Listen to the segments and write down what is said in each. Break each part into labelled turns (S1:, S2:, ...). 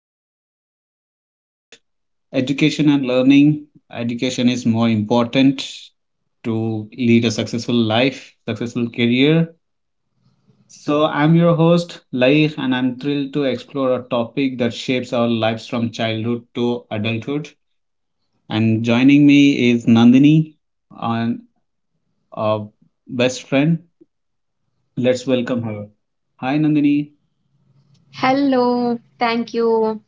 S1: we are gonna discuss about education and learning. Education is more important to lead a successful life, successful career. So, I'm your host, Laik, and I'm thrilled to explore a topic that shapes our lives from childhood to adulthood. And joining me is Nandini, and our best friend. Let's welcome her. Hi, Nandini.
S2: Hello, thank you.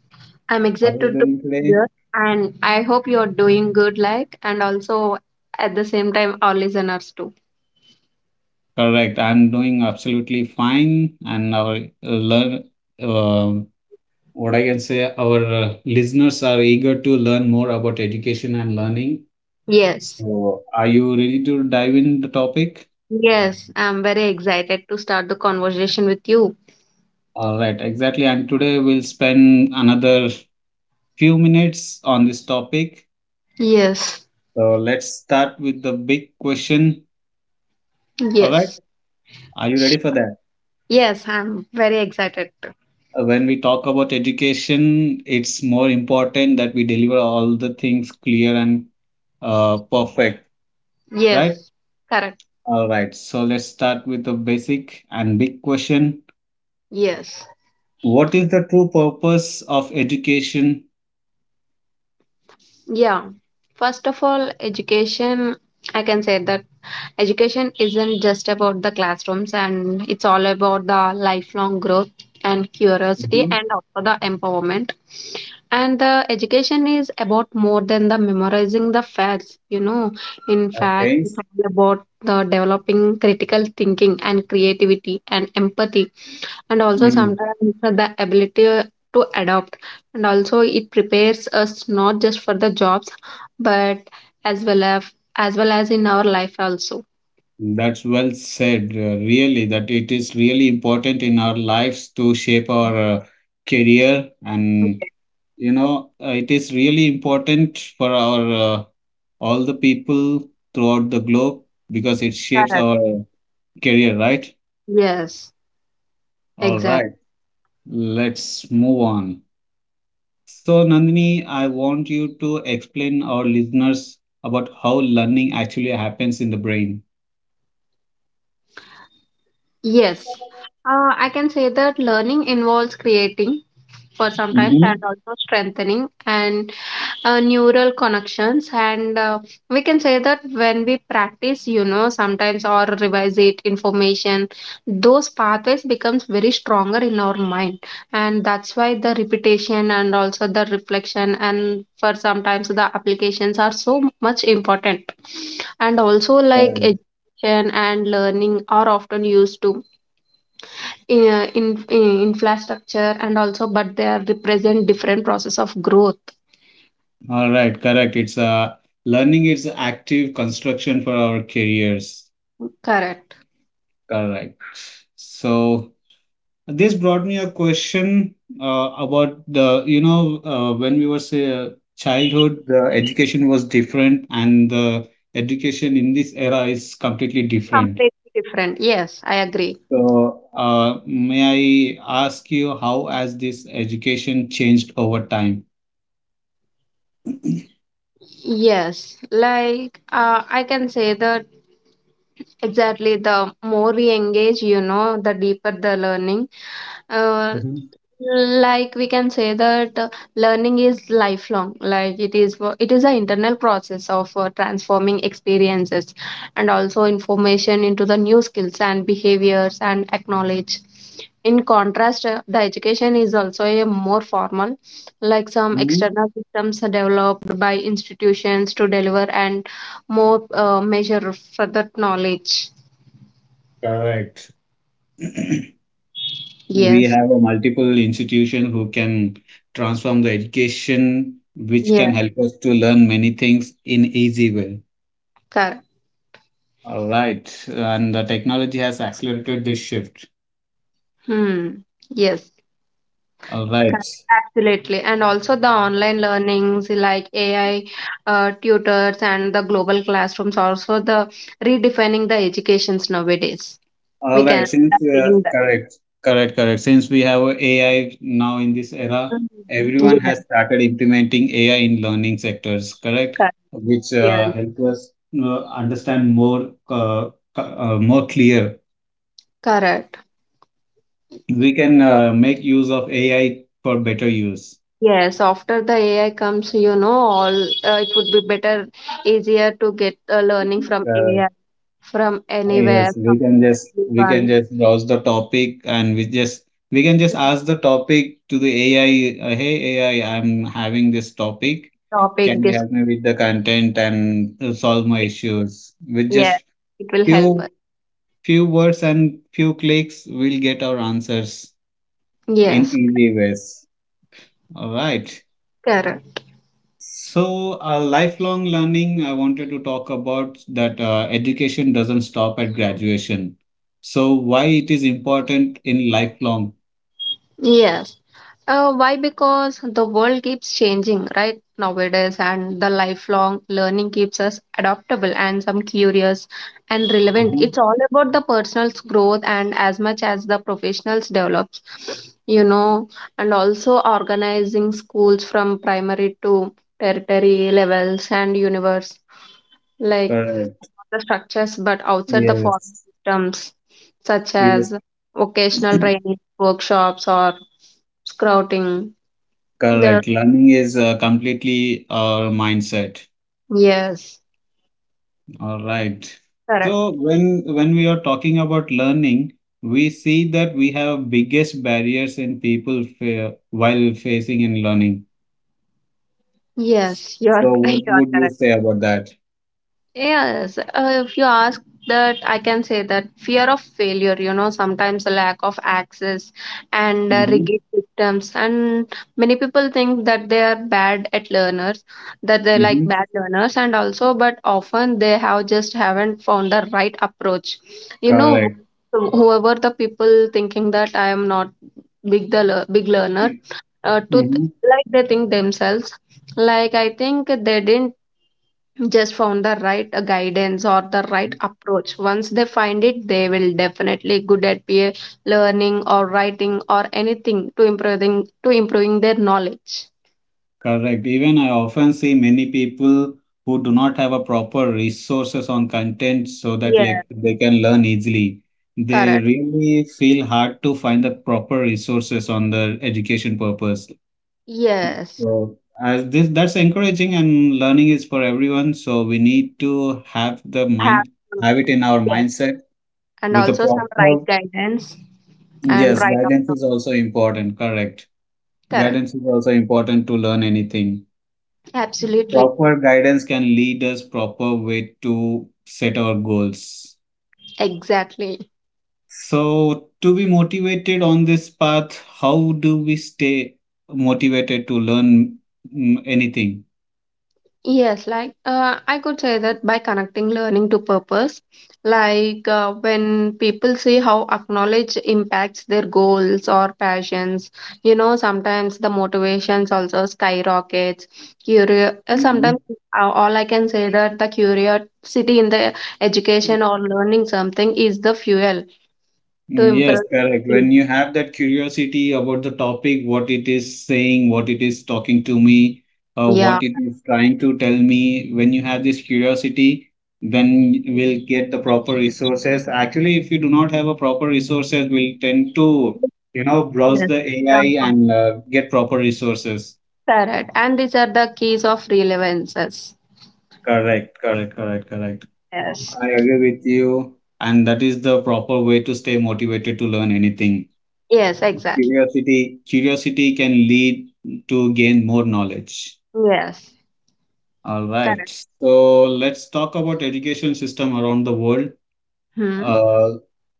S2: I'm
S1: How are you
S2: excited to
S1: doing
S2: be
S1: today?
S2: here and I hope you're doing good, like, and also at the same time, our listeners too.
S1: Correct. I'm doing absolutely fine, and our learn uh, what I can say. Our listeners are eager to learn more about education and learning.
S2: Yes,
S1: So, are you ready to dive in the topic?
S2: yes, I'm very excited to start the conversation with you.
S1: All right, exactly. And today we'll spend another few minutes on this topic.
S2: Yes,
S1: So let's start with the big question. All right,
S2: yes,
S1: are you ready for that?
S2: yes, I'm very excited.
S1: When we talk about education, it's more important that we deliver all the things clear and perfect, right?
S2: Yes, correct.
S1: All right, so let's start with the basic and big question.
S2: Yes.
S1: What is the true purpose of education?
S2: Yeah, first of all, education, I can say that education isn't just about the classrooms and it's all about the lifelong growth and curiosity
S1: Mhm.
S2: and also the empowerment. And the education is about more than the memorizing the facts. In fact,
S1: Okay.
S2: it's all about the developing critical thinking and creativity and empathy and also
S1: Mm.
S2: sometimes the ability to adopt, and also it prepares us not just for the jobs but as well as in our life also.
S1: That's well said, really, that it is really important in our lives to shape our career. And, it is really important for our all the people throughout the globe because it shapes
S2: Correct.
S1: our career, right?
S2: Yes,
S1: All
S2: exactly.
S1: right, let's move on. So, Nandini, I want you to explain our listeners about how learning actually happens in the brain.
S2: Yes, I can say that learning involves creating for sometimes and
S1: Mm-hmm.
S2: also strengthening and neural connections, and we can say that when we practice sometimes or revise it information, those pathways becomes very stronger in our mind, and that's why the repetition and also the reflection and for sometimes the applications are so much important. And also like
S1: Correct.
S2: education and learning are often used to in, in infrastructure, and also but they are represent different process of growth.
S1: All right, correct. It's learning is active construction for our careers.
S2: Correct.
S1: Correct. So this brought me a question about the you know when we were say childhood, the education was different, and the education in this era is completely different.
S2: Completely different, yes, I agree.
S1: So, may I ask you how has this education changed over time?
S2: Yes, like I can say that exactly the more we engage, the deeper the learning, uh,
S1: Mhm.
S2: like we can say that learning is lifelong, like it is an internal process of transforming experiences and also information into the new skills and behaviors and acknowledge. In contrast, the education is also a more formal, like some
S1: Mhm.
S2: external systems are developed by institutions to deliver and more measure further knowledge.
S1: Correct. We
S2: Yes.
S1: have a multiple institution who can transform the education, which
S2: Yeah.
S1: can help us to learn many things in easy way.
S2: Correct.
S1: All right, and the technology has accelerated this shift.
S2: Hmm. Yes.
S1: All right,
S2: Correct, absolutely. And also the online learnings like AI tutors and the global classrooms also the redefining the educations nowadays. We
S1: All right,
S2: can have seen that.
S1: correct, correct. Since we have AI now in this era,
S2: Mhm.
S1: everyone
S2: Yes,
S1: has started implementing AI in learning sectors, correct?
S2: correct.
S1: Which
S2: Yes.
S1: help us understand more clear.
S2: Correct.
S1: We can make use of AI for better use.
S2: Yes, after the AI comes, all it would be better, easier to get learning from
S1: Uh,
S2: AI, from anywhere,
S1: yes, we
S2: from
S1: can just we can
S2: anyone,
S1: just browse the topic and we just we can just ask the topic to the AI. Hey AI, I'm having this topic.
S2: topic,
S1: Can you
S2: this.
S1: help me with the content and solve my issues? With
S2: Yeah,
S1: just
S2: it will help us.
S1: few few words and few clicks, we'll get our answers in
S2: Yes,
S1: easy ways. All right.
S2: correct.
S1: So, lifelong learning, I wanted to talk about that education doesn't stop at graduation. So, why it is important in lifelong?
S2: Yes. Why? Because the world keeps changing, right? Nowadays, and the lifelong learning keeps us adaptable and some curious and relevant.
S1: Mhm.
S2: It's all about the personal's growth and as much as the professionals develops, you know, and also organizing schools from primary to territory levels and universe, like
S1: Correct.
S2: the structures, but outside the formal
S1: Yes.
S2: systems, such as
S1: Yes.
S2: vocational training, workshops, or scouting there.
S1: Correct. Learning is completely our mindset.
S2: Yes.
S1: All right.
S2: Correct.
S1: So when we are talking about learning, we see that we have biggest barriers in people while facing in learning.
S2: Yes, you are
S1: So what
S2: you are
S1: would you
S2: correct.
S1: say about that?
S2: Yes, if you ask that, I can say that fear of failure, sometimes a lack of access and
S1: Mm-hmm.
S2: rigid systems. And many people think that they are bad at learners, that they're like
S1: Mm-hmm.
S2: bad learners, and also, but often they have just haven't found the right approach. You know,
S1: Correct.
S2: whoever the people thinking that I am not big big learner uh, to th-
S1: Mm-hmm.
S2: like they think themselves, like I think they didn't just found the right guidance or the right approach. Once they find it, they will definitely good at peer learning or writing or anything to improving their knowledge.
S1: Correct. Even I often see many people who do not have a proper resources on content so that
S2: Yeah.
S1: like they can learn easily. They
S2: Correct.
S1: really feel hard to find the proper resources on their education purpose.
S2: Yes.
S1: So as this that's encouraging and learning is for everyone. So we need to have the
S2: have
S1: mind have it
S2: to-
S1: in our
S2: yes,
S1: mindset
S2: and
S1: with a
S2: also some right
S1: proper
S2: guidance and
S1: yes,
S2: right
S1: guidance
S2: approach.
S1: is also important, correct.
S2: Correct,
S1: Guidance is also important to learn anything.
S2: absolutely,
S1: Proper guidance can lead us proper way to set our goals.
S2: exactly.
S1: So to be motivated on this path, how do we stay motivated to learn anything?
S2: Yes, like I could say that by connecting learning to purpose, like when people see how acknowledge impacts their goals or passions, sometimes the motivations also skyrockets. Sometimes all I can say that the curiosity in the education or learning something is the fuel to
S1: Mm, yes,
S2: improve.
S1: correct. When you have that curiosity about the topic, what it is saying, what it is talking to me,
S2: Yeah.
S1: what it is trying to tell me, when you have this curiosity, then you will get the proper resources. Actually, if you do not have a proper resources, we'll tend to, you know, browse
S2: Yes.
S1: the
S2: Yeah.
S1: AI and get proper resources.
S2: Correct. And these are the keys of relevances.
S1: Correct, correct, correct, correct.
S2: Yes.
S1: I agree with you, and that is the proper way to stay motivated to learn anything.
S2: Yes, exactly.
S1: Curiosity, curiosity can lead to gain more knowledge.
S2: Yes,
S1: All right.
S2: correct.
S1: So let's talk about education system around the world.
S2: Hmm.
S1: Uh,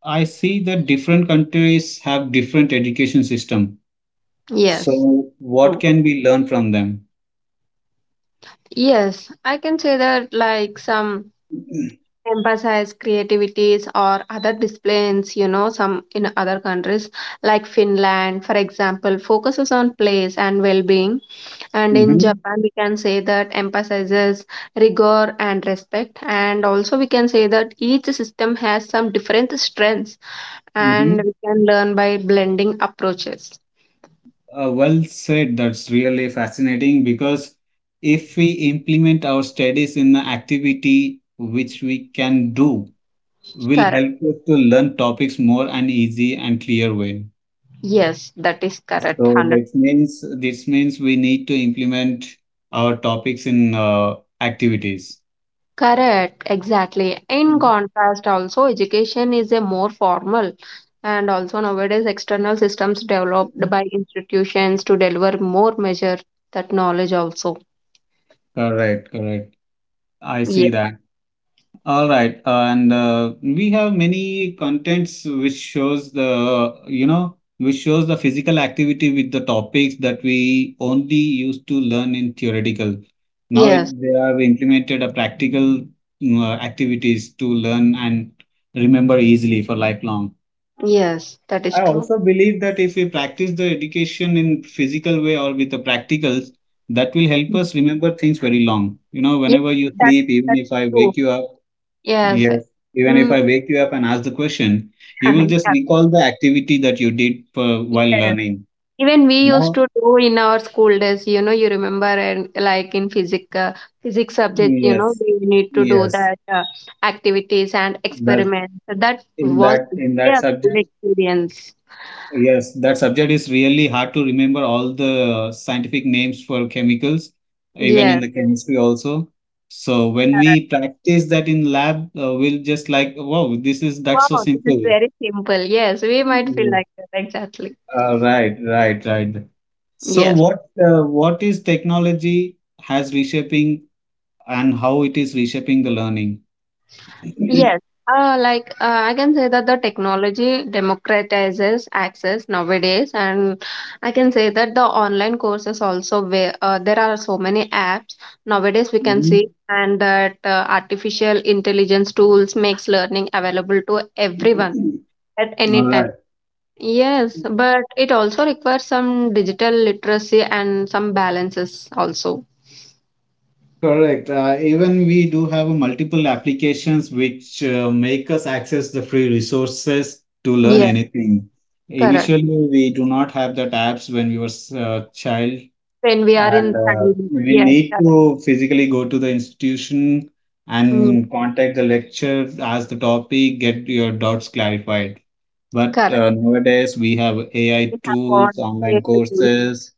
S1: I see that different countries have different education system.
S2: Yes.
S1: So what
S2: True.
S1: can we learn from them?
S2: Yes, I can say that, like, some emphasize creativities or other disciplines, some in other countries like Finland, for example, focuses on place and well-being. And in
S1: Mm-hmm.
S2: Japan, we can say that emphasizes rigor and respect. And also we can say that each system has some different strengths and
S1: Mm-hmm.
S2: we can learn by blending approaches.
S1: Well said. That's really fascinating because if we implement our studies in the activity which we can do will
S2: Correct.
S1: help us to learn topics more and easy and clear way.
S2: Yes, that is correct. one
S1: So
S2: Hundred.
S1: this means we need to implement our topics in activities.
S2: Correct, exactly. In contrast, also, education is a more formal, and also nowadays external systems developed by institutions to deliver more measure that knowledge also.
S1: Correct, correct. I see
S2: Yes,
S1: that. All right, and we have many contents which shows the which shows the physical activity with the topics that we only used to learn in theoretical. Now it,
S2: yes,
S1: they have implemented a practical activities to learn and remember easily for lifelong.
S2: yes, that is
S1: I
S2: true.
S1: also believe that if we practice the education in physical way or with the practicals, that will help us remember things very long. You know,
S2: Yes,
S1: whenever you
S2: that,
S1: sleep, even
S2: that's
S1: if I
S2: true.
S1: wake you up.
S2: Yes.
S1: Yes, even if
S2: Mm,
S1: I wake you up and ask the question, you will just
S2: yeah.
S1: recall the activity that you did for, while
S2: Yes.
S1: learning.
S2: Even we used
S1: Now,
S2: to do in our school days, you remember, and like in physics subject. you know,
S1: yes,
S2: we need to do
S1: yes,
S2: that activities and
S1: that
S2: experiments. So that
S1: in
S2: was
S1: that in that
S2: really a good
S1: subject,
S2: experience.
S1: yes, that subject is really hard to remember all the scientific names for chemicals, even in
S2: Yes,
S1: the chemistry also. So when
S2: correct.
S1: we practice that in lab, we'll just like, wow, this is that's so
S2: Wow, this is
S1: simple.
S2: very simple. Yes, we might feel
S1: Mhm.
S2: like that. Exactly.
S1: Right, right, right. So
S2: Yes.
S1: what is technology has reshaping and how it is reshaping the learning?
S2: Yes. Like I can say that the technology democratizes access nowadays, and I can say that the online courses also where there are so many apps nowadays we can see,
S1: Mhm.
S2: and that artificial intelligence tools makes learning available to everyone at
S1: All
S2: any time.
S1: right.
S2: Yes, but it also requires some digital literacy and some balances also.
S1: Correct. Even we do have multiple applications which make us access the free resources to learn
S2: Yes,
S1: anything.
S2: correct.
S1: Initially, we do not have that apps when we were child,
S2: When we are
S1: and
S2: in family.
S1: we
S2: Yes,
S1: need
S2: correct.
S1: to physically go to the institution
S2: Mm,
S1: and contact the lecturer ask the topic get your doubts clarified but
S2: correct.
S1: nowadays we have ai
S2: Is
S1: tools
S2: upon
S1: online
S2: daily.
S1: courses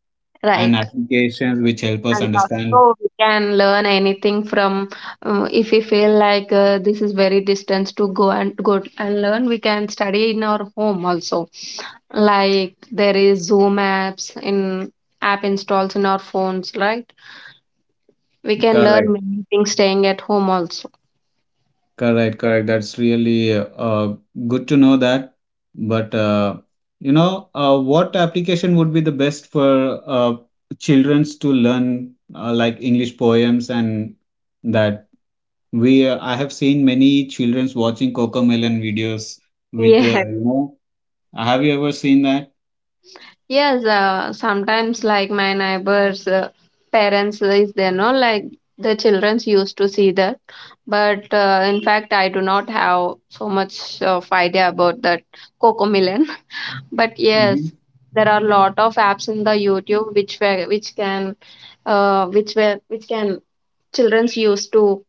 S1: and
S2: Right.
S1: applications which help us
S2: And
S1: understand
S2: also we can learn anything from, if we feel like this is very distance to go and go and learn. We can study in our home also. Like there is Zoom apps in app installs in our phones, right? We can learn
S1: correct.
S2: many things staying at home also.
S1: Correct, correct. That's really good to know that. But what application would be the best for childrens to learn like English poems and that we I have seen many childrens watching Cocomelon videos with the
S2: Yes.
S1: you know. Have you ever seen that?
S2: Yes, sometimes like my neighbors' parents is there, no, like the childrens used to see that, but in fact I do not have so much of idea about that coco melon. But
S1: Mm-hmm.
S2: yes, there are a lot of apps in the YouTube which can childrens use to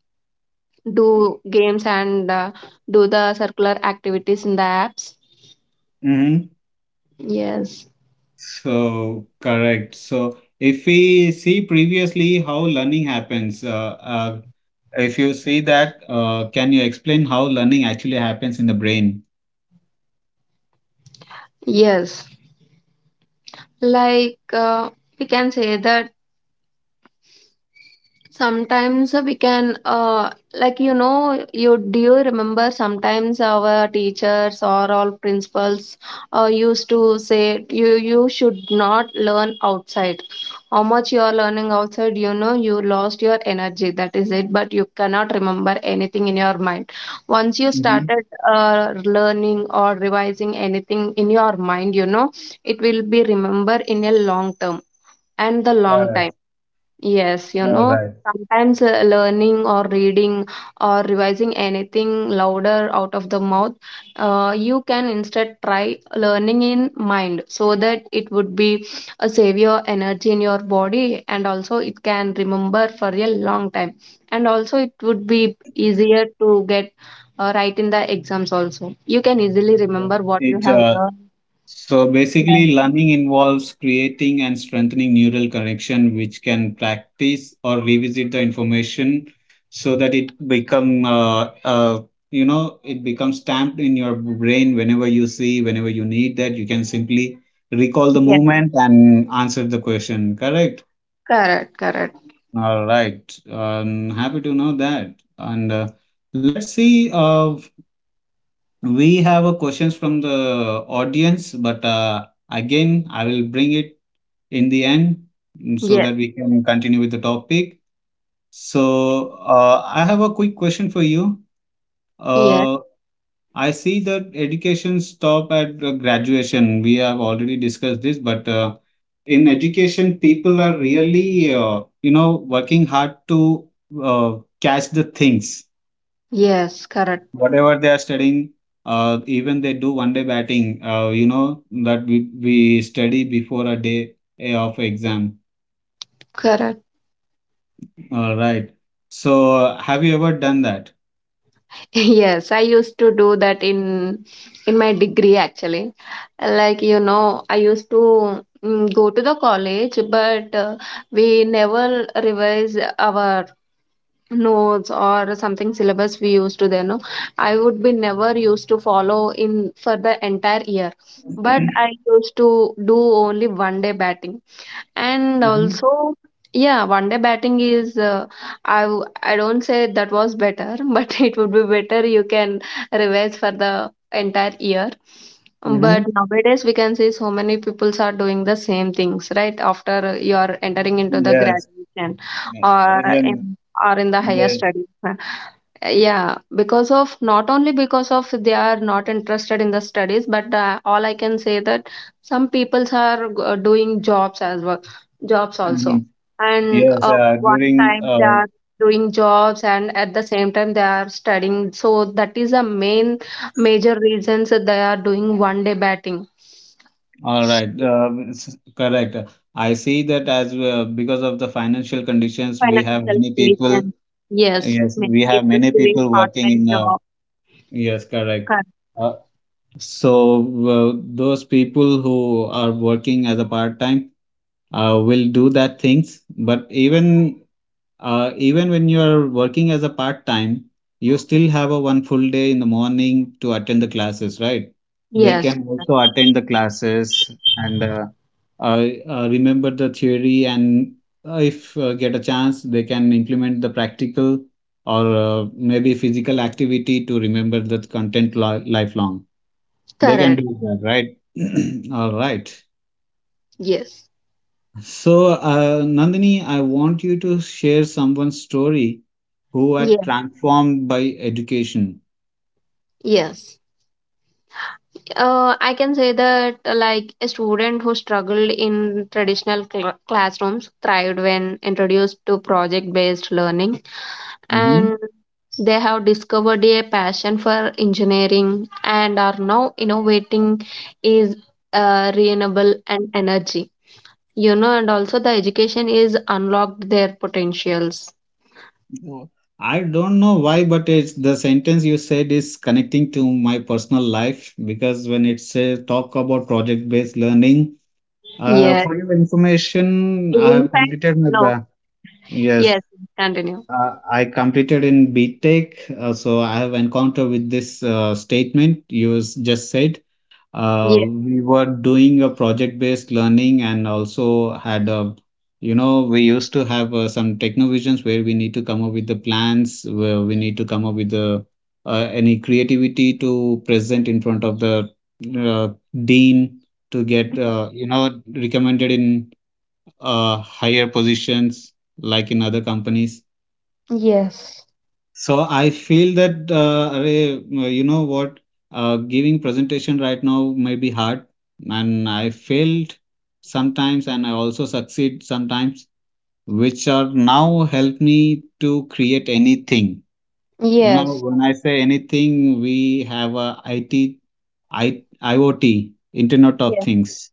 S2: do games and do the circular activities in the apps.
S1: Mm-hmm.
S2: Yes,
S1: So correct. So if we see previously how learning happens, if you see that, can you explain how learning actually happens in the brain?
S2: yes, like we can say that sometimes we can, like you remember sometimes our teachers or all principals, used to say you should not learn outside. How much you are learning outside, you lost your energy. That is it. But you cannot remember anything in your mind. Once you
S1: Mhm.
S2: started learning or revising anything in your mind, it will be remember in a long term and the long
S1: Yes,
S2: time. Yes,
S1: all right.
S2: sometimes learning or reading or revising anything louder out of the mouth, you can instead try learning in mind so that it would be a savior energy in your body and also it can remember for a long time. And also, it would be easier to get right in the exams also. You can easily
S1: So
S2: remember what you
S1: it
S2: have
S1: uh,
S2: learned.
S1: so
S2: Yes,
S1: basically learning involves creating and strengthening neural connection which can practice or revisit the information so that it become you know it becomes stamped in your brain whenever you see whenever you need that you can simply recall the
S2: yes,
S1: movement and answer the question correct.
S2: correct, correct.
S1: All right. I'm happy to know that. And let's see. We have a questions from the audience, but again, I will bring it in the end so
S2: Yes,
S1: that we can continue with the topic. So, I have a quick question for you.
S2: yes,
S1: Uh, I see that education stop at graduation. We have already discussed this, but in education, people are really, you know, working hard to uh, catch the things.
S2: yes, correct,
S1: Whatever they are studying, even they do one day batting, you know, that we study before a day of exam.
S2: correct.
S1: All right. So, have you ever done that?
S2: Yes, I used to do that in my degree actually. Like I used to go to the college, but we never revise our notes or something syllabus we used to then. No, I would be never used to follow in for the entire year. But I used to do only one day batting. And
S1: Mm-hmm.
S2: also, yeah, one day batting is I don't say that was better, but it would be better you can revise for the entire year. But nowadays we can see so many people are doing the same things, right? After you are entering into the
S1: Yes,
S2: graduation
S1: yeah,
S2: or
S1: even
S2: in, or in the higher
S1: the
S2: studies. Yeah, because of not only because of they are not interested in the studies, but all I can say that some peoples are doing jobs as well jobs
S1: mhm.
S2: also, and
S1: Yes
S2: one
S1: during
S2: time they are doing jobs and at the same time they are studying, so that is the main major reasons that they are doing one day batting.
S1: all right correct. I see that as because of the financial conditions, we have
S2: Financial
S1: many people.
S2: condition. Yes,
S1: Yes,
S2: many
S1: we have
S2: people
S1: many
S2: doing
S1: people working
S2: part-time
S1: in.
S2: job.
S1: Yes, correct.
S2: cur-
S1: Uh, so those people who are working as a part time will do that things, but even even when you are working as a part time, you still have a one full day in the morning to attend the classes, right? They
S2: yes,
S1: can also attend the classes and remember the theory, and if get a chance, they can implement the practical or maybe physical activity to remember the content lifelong. They can
S2: correct.
S1: do that, right? All right.
S2: Yes.
S1: So, Nandini, I want you to share someone's story who are
S2: Yeah.
S1: transformed by education.
S2: Yes, I can say that like a student who struggled in traditional classrooms thrived when introduced to project based learning,
S1: Hmm.
S2: and they have discovered a passion for engineering and are now innovating is renewable and energy, and also the education is unlocked their potentials.
S1: I don't know why, but it's the sentence you said is connecting to my personal life because when it says talk about project-based learning,
S2: Yeah.
S1: for your information, I
S2: In
S1: have
S2: fact.
S1: completed my
S2: No.
S1: gra- yes,
S2: Yes, continue.
S1: I completed in BTech, so I have encountered with this statement you just said.
S2: Yes,
S1: We were doing a project-based learning and also had a, we used to have some technovisions where we need to come up with the plans, where we need to come up with the any creativity to present in front of the uh, dean to get, recommended in higher positions like in other companies.
S2: yes,
S1: So I feel that Arey, giving presentation right now may be hard, and I failed sometimes, and I also succeed sometimes, which are now help me to create anything. You know,
S2: yes.
S1: when I say anything, we have a IT, I, IoT, Internet of
S2: Yes,
S1: Things.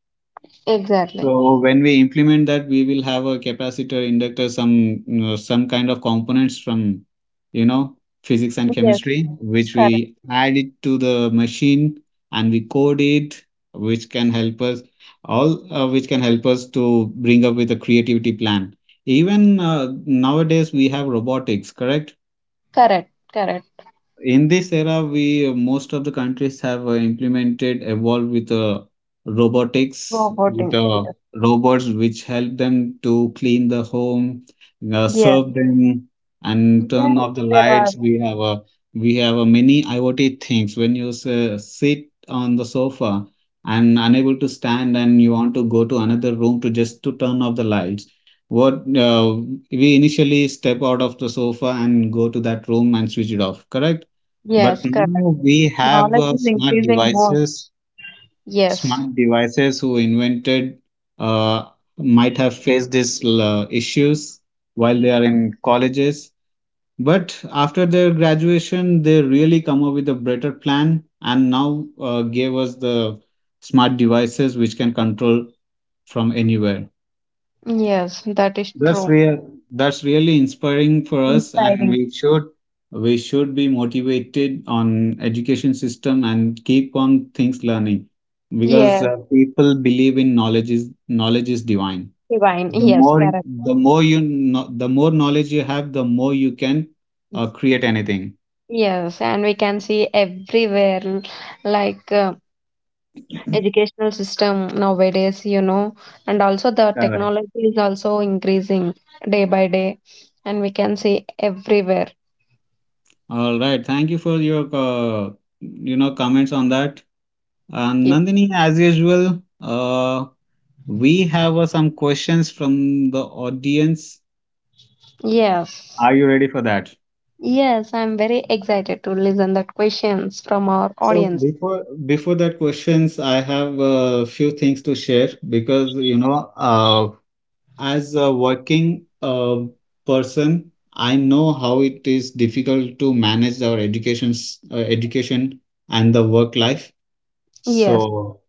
S2: exactly.
S1: So when we implement that, we will have a capacitor, inductor, some some kind of components from you know physics and
S2: Yes,
S1: chemistry, which
S2: correct,
S1: we add it to the machine and we code it, which can help us which can help us to bring up with a creativity plan. Even nowadays we have robotics, correct?
S2: correct, correct.
S1: In this era, we most of the countries have implemented evolved with robotics
S2: Roboting,
S1: with
S2: yes.
S1: robots which help them to clean the home,
S2: Yeah,
S1: serve them, and
S2: yes,
S1: turn off the
S2: there are.
S1: lights. We have a we have a many IoT things. When you sit on the sofa and unable to stand and you want to go to another room to just to turn off the lights, what we initially step out of the sofa and go to that room and switch it off, correct?
S2: Yes,
S1: But
S2: correct.
S1: now we have
S2: Knowledge is
S1: smart
S2: increasing more.
S1: devices.
S2: Yes.
S1: Smart devices who invented uh, might have faced these issues while they are in colleges. But after their graduation, they really come up with a better plan and now gave us the smart devices which can control from anywhere.
S2: Yes, that is
S1: That's
S2: true.
S1: real. That's really inspiring for us, and
S2: Inspiring.
S1: we should be motivated on education system and keep on things learning, because
S2: Yes,
S1: people believe in knowledge is divine.
S2: divine.
S1: The
S2: Yes,
S1: more
S2: correct.
S1: the more you know, the more knowledge you have, the more you can create anything.
S2: Yes. And we can see everywhere, like educational system nowadays, and also the
S1: Correct.
S2: technology is also increasing day by day, and we can see everywhere.
S1: All right. Thank you for your comments on that. And
S2: Ye-
S1: Nandini, as usual, we have some questions from the audience.
S2: Yes,
S1: Are you ready for that?
S2: yes. I'm very excited to listen the questions from our
S1: So
S2: audience.
S1: before that questions, I have a few things to share because as a working person, I know how it is difficult to manage our education and the work life.
S2: Yes.
S1: So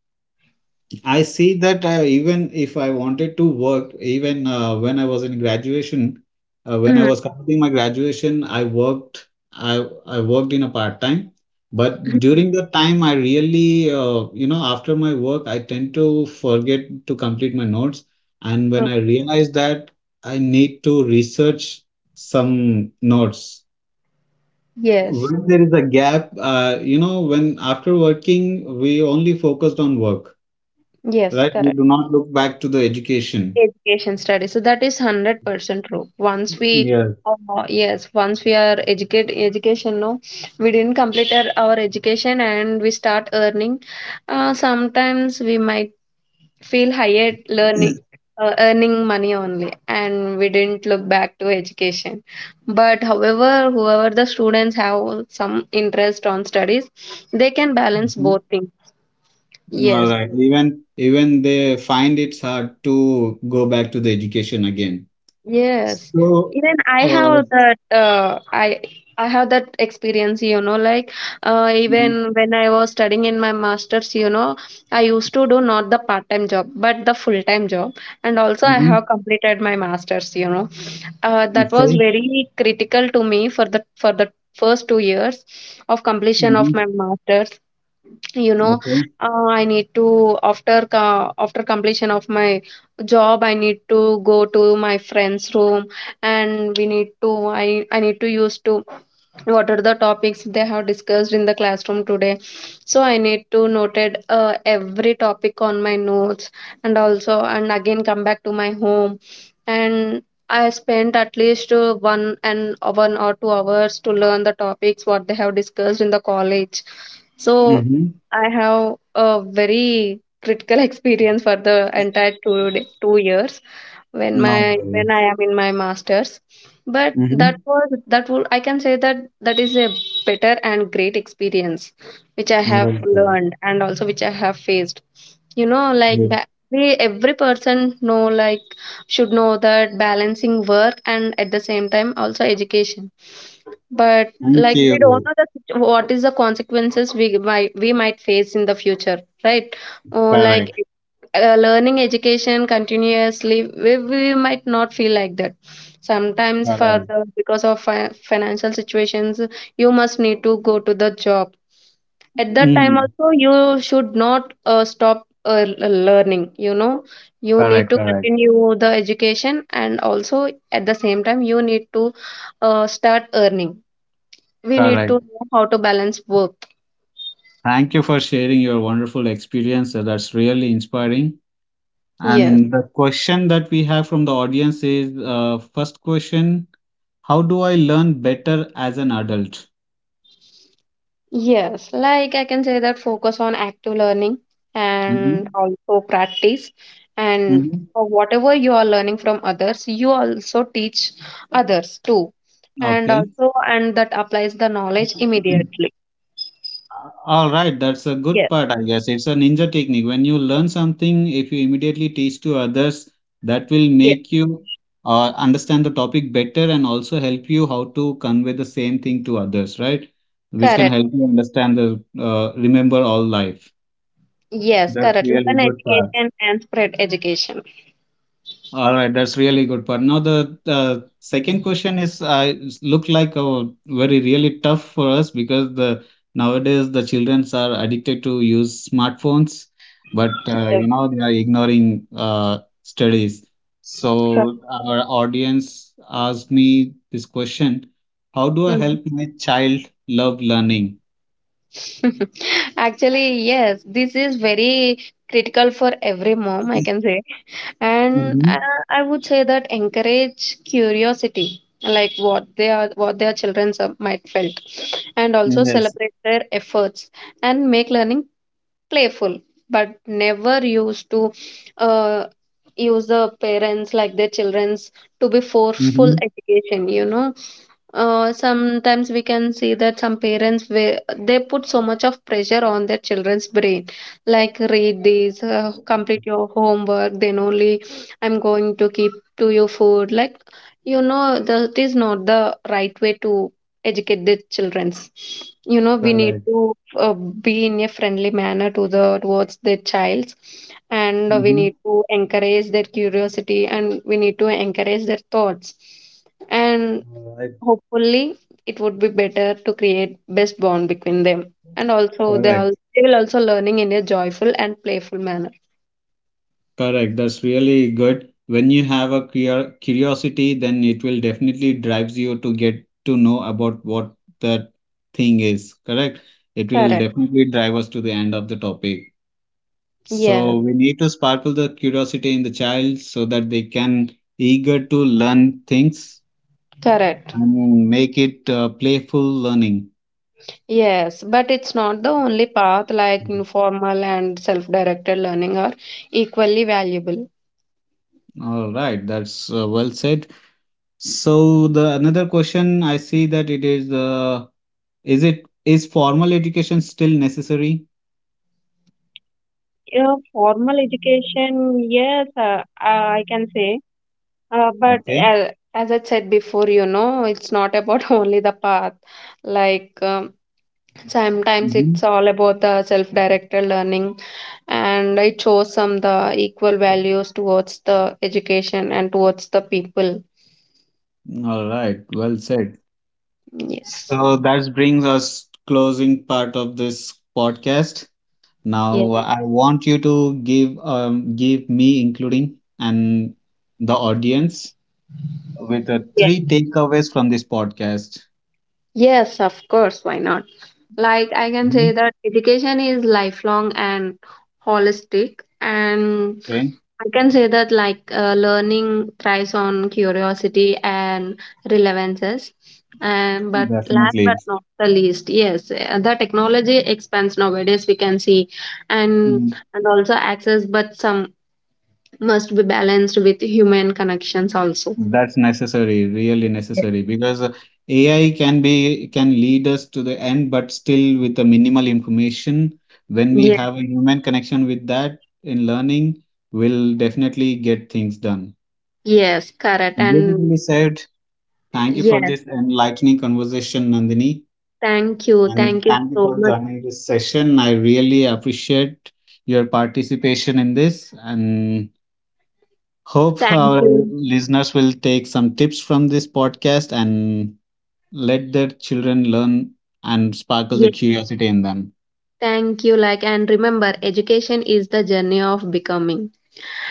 S1: I see that even if I wanted to work, even when I was in graduation, when I
S2: Mm.
S1: was completing my graduation, I worked. I worked in a part time, but during that time, I really, after my work, I tend to forget to complete my notes, and when I realized that I need to research some notes.
S2: Yes,
S1: When there is a gap, when after working, we only focused on work,
S2: yes,
S1: right? We
S2: correct.
S1: do not look back to the education.
S2: Education study. So that is 100% true. Once we,
S1: Yes.
S2: yes, once we are educate education, no, we didn't complete our education and we start earning. Sometimes we might feel higher learning, earning money only, and we didn't look back to education. But however, whoever the students have some interest on studies, they can balance
S1: Mhm.
S2: both things.
S1: All
S2: Yes,
S1: right. Even they find it's hard to go back to the education again.
S2: yes,
S1: So,
S2: even I
S1: uh,
S2: have that. I have that experience. Like,
S1: mhm,
S2: even when I was studying in my masters, I used to do not the part time job but the full time job, and also I have
S1: mhm,
S2: completed my masters. That was
S1: okay,
S2: very critical to me for the first 2 years of completion of my
S1: mhm,
S2: masters you know
S1: okay,
S2: I need to, after completion of my job, I need to go to my friend's room, and we need to I need to use to what are the topics they have discussed in the classroom today. So I need to noted, every topic on my notes, and also and again come back to my home, and I spent at least 1 and 1 or 2 hours to learn the topics what they have discussed in the college. So
S1: mhm,
S2: I have a very critical experience for the entire 2 years,
S1: no
S2: when I
S1: worries.
S2: am in my masters. But that
S1: Mhm,
S2: was that would I can say that that is a better and great experience which I have
S1: well, sir.
S2: learned and also which I have faced, like,
S1: Yes.
S2: ba- we every person know, like, should know that balancing work and at the same time also education. But,
S1: Thank
S2: like, we don't
S1: you.
S2: know the what is the consequences we might face in the future, right? Oh, like,
S1: Correct,
S2: learning education continuously, we might not feel like that. Sometimes, for
S1: correct.
S2: the because of financial situations, you must need to go to the job. At that time
S1: Mhm,
S2: also you should not stop learning. You need
S1: correct,
S2: to
S1: correct,
S2: continue the education, and also at the same time you need to start earning. We need to
S1: correct.
S2: know how to balance both.
S1: Thank you for sharing your wonderful experience, sir. That's really inspiring.
S2: Yes.
S1: And the question that we have from the audience is, first question, how do I learn better as an adult?
S2: Yes, like I can say that focus on active learning and
S1: hmm
S2: also practice. And
S1: hmm
S2: for whatever you are learning from others, you also teach others too. And
S1: Okay.
S2: also, and that applies the knowledge immediately.
S1: All right, that's a good
S2: Yes,
S1: part, I guess. It's a ninja technique. When you learn something, if you immediately teach to others, that will
S2: yes,
S1: make you understand the topic better and also help you how to convey the same thing to others, right? Which can
S2: correct.
S1: help you understand the remember all life.
S2: Yes,
S1: That's
S2: correct.
S1: really
S2: Learn
S1: good part.
S2: education and spread education.
S1: All right, that's really good part. Now the second question is, I look like a very really tough for us because the nowadays the children are addicted to use smartphones, but
S2: Yes,
S1: they are ignoring studies.
S2: correct.
S1: So our audience asked me this question: How do I
S2: Mhm.
S1: help my child love learning?
S2: Actually, yes, this is very critical for every mom, I can say. And
S1: Mm-hmm.
S2: I would say that encourage curiosity, like, what they are what their children might felt, and also
S1: Yes.
S2: celebrate their efforts, and make learning playful, but never used to uh, use the parents like their children's to be forceful
S1: Mm-hmm.
S2: education. Sometimes we can see that some parents we they put so much of pressure on their children's brain, like, read this, complete your homework, then only I'm going to keep to your food. Like, that is not the right way to educate the children's. We need
S1: Correct.
S2: to be in a friendly manner to the towards the child, and we
S1: Mm-hmm.
S2: need to encourage their curiosity, and we need to encourage their thoughts, and
S1: All right.
S2: hopefully it would be better to create best bond between them. And also, they, all,
S1: Correct.
S2: they will also learning in a joyful and playful manner.
S1: Correct. That's really good. When you have a curiosity, then it will definitely drives you to get to know about what that thing is. Correct. It will
S2: Correct.
S1: definitely drive us to the end of the topic. So
S2: Yes,
S1: we need to sparkle the curiosity in the child so that they can eager to learn things
S2: correct.
S1: and make it playful learning.
S2: Yes, but it's not the only path, like informal and self directed learning are equally valuable.
S1: All right, that's well said. So the another question I see that it is the, is it is formal education still necessary?
S2: Yeah, formal education, yes, I can say. But
S1: Okay.
S2: as I said before, it's not about only the path. Like, sometimes it's
S1: Mhm.
S2: all about the self-directed learning, and it shows some the equal values towards the education and towards the people.
S1: All right. Well said.
S2: Yes.
S1: So that brings us closing part of this podcast.
S2: Yes.
S1: Now I want you to give give me including and the audience with the three takeaways from this podcast.
S2: Yes, of course, why not? Like, I can
S1: Mhm.
S2: say that education is lifelong and holistic, and
S1: Okay.
S2: I can say that, like, learning thrives on curiosity and relevances. And but last
S1: Definitely.
S2: but not the least, yes, the technology expands nowadays. We can see, and
S1: Mm-hmm.
S2: and also access, but some must be balanced with human connections also.
S1: That's necessary, really
S2: Yes,
S1: necessary, because AI can lead us to the end, but still with a minimal information. When we
S2: yes,
S1: have a human connection with that in learning, we'll definitely get things done.
S2: yes, correct. And
S1: Beautifully said. Thank you for
S2: yes,
S1: this enlightening conversation, Nandini,
S2: thank you.
S1: and
S2: Thank you
S1: thank you
S2: so
S1: for
S2: much.
S1: joining this session. I really appreciate your participation in this, and hope
S2: Thank
S1: our
S2: you.
S1: listeners will take some tips from this podcast and let their children learn and sparkle the
S2: Yes.
S1: curiosity in them.
S2: Thank you. Like, and remember, education is the journey of becoming.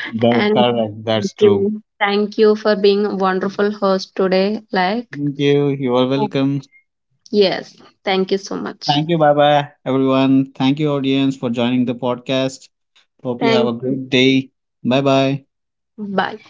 S2: And
S1: Correct,
S2: thank
S1: that's true.
S2: you. Thank you for being a wonderful host today. Like,
S1: Thank you. You are welcome.
S2: yes. Thank you so much.
S1: Thank you. Bye bye, everyone. Thank you, audience, for joining the podcast. Hope you have
S2: Thank
S1: a
S2: you.
S1: great day. Bye bye.
S2: Bye.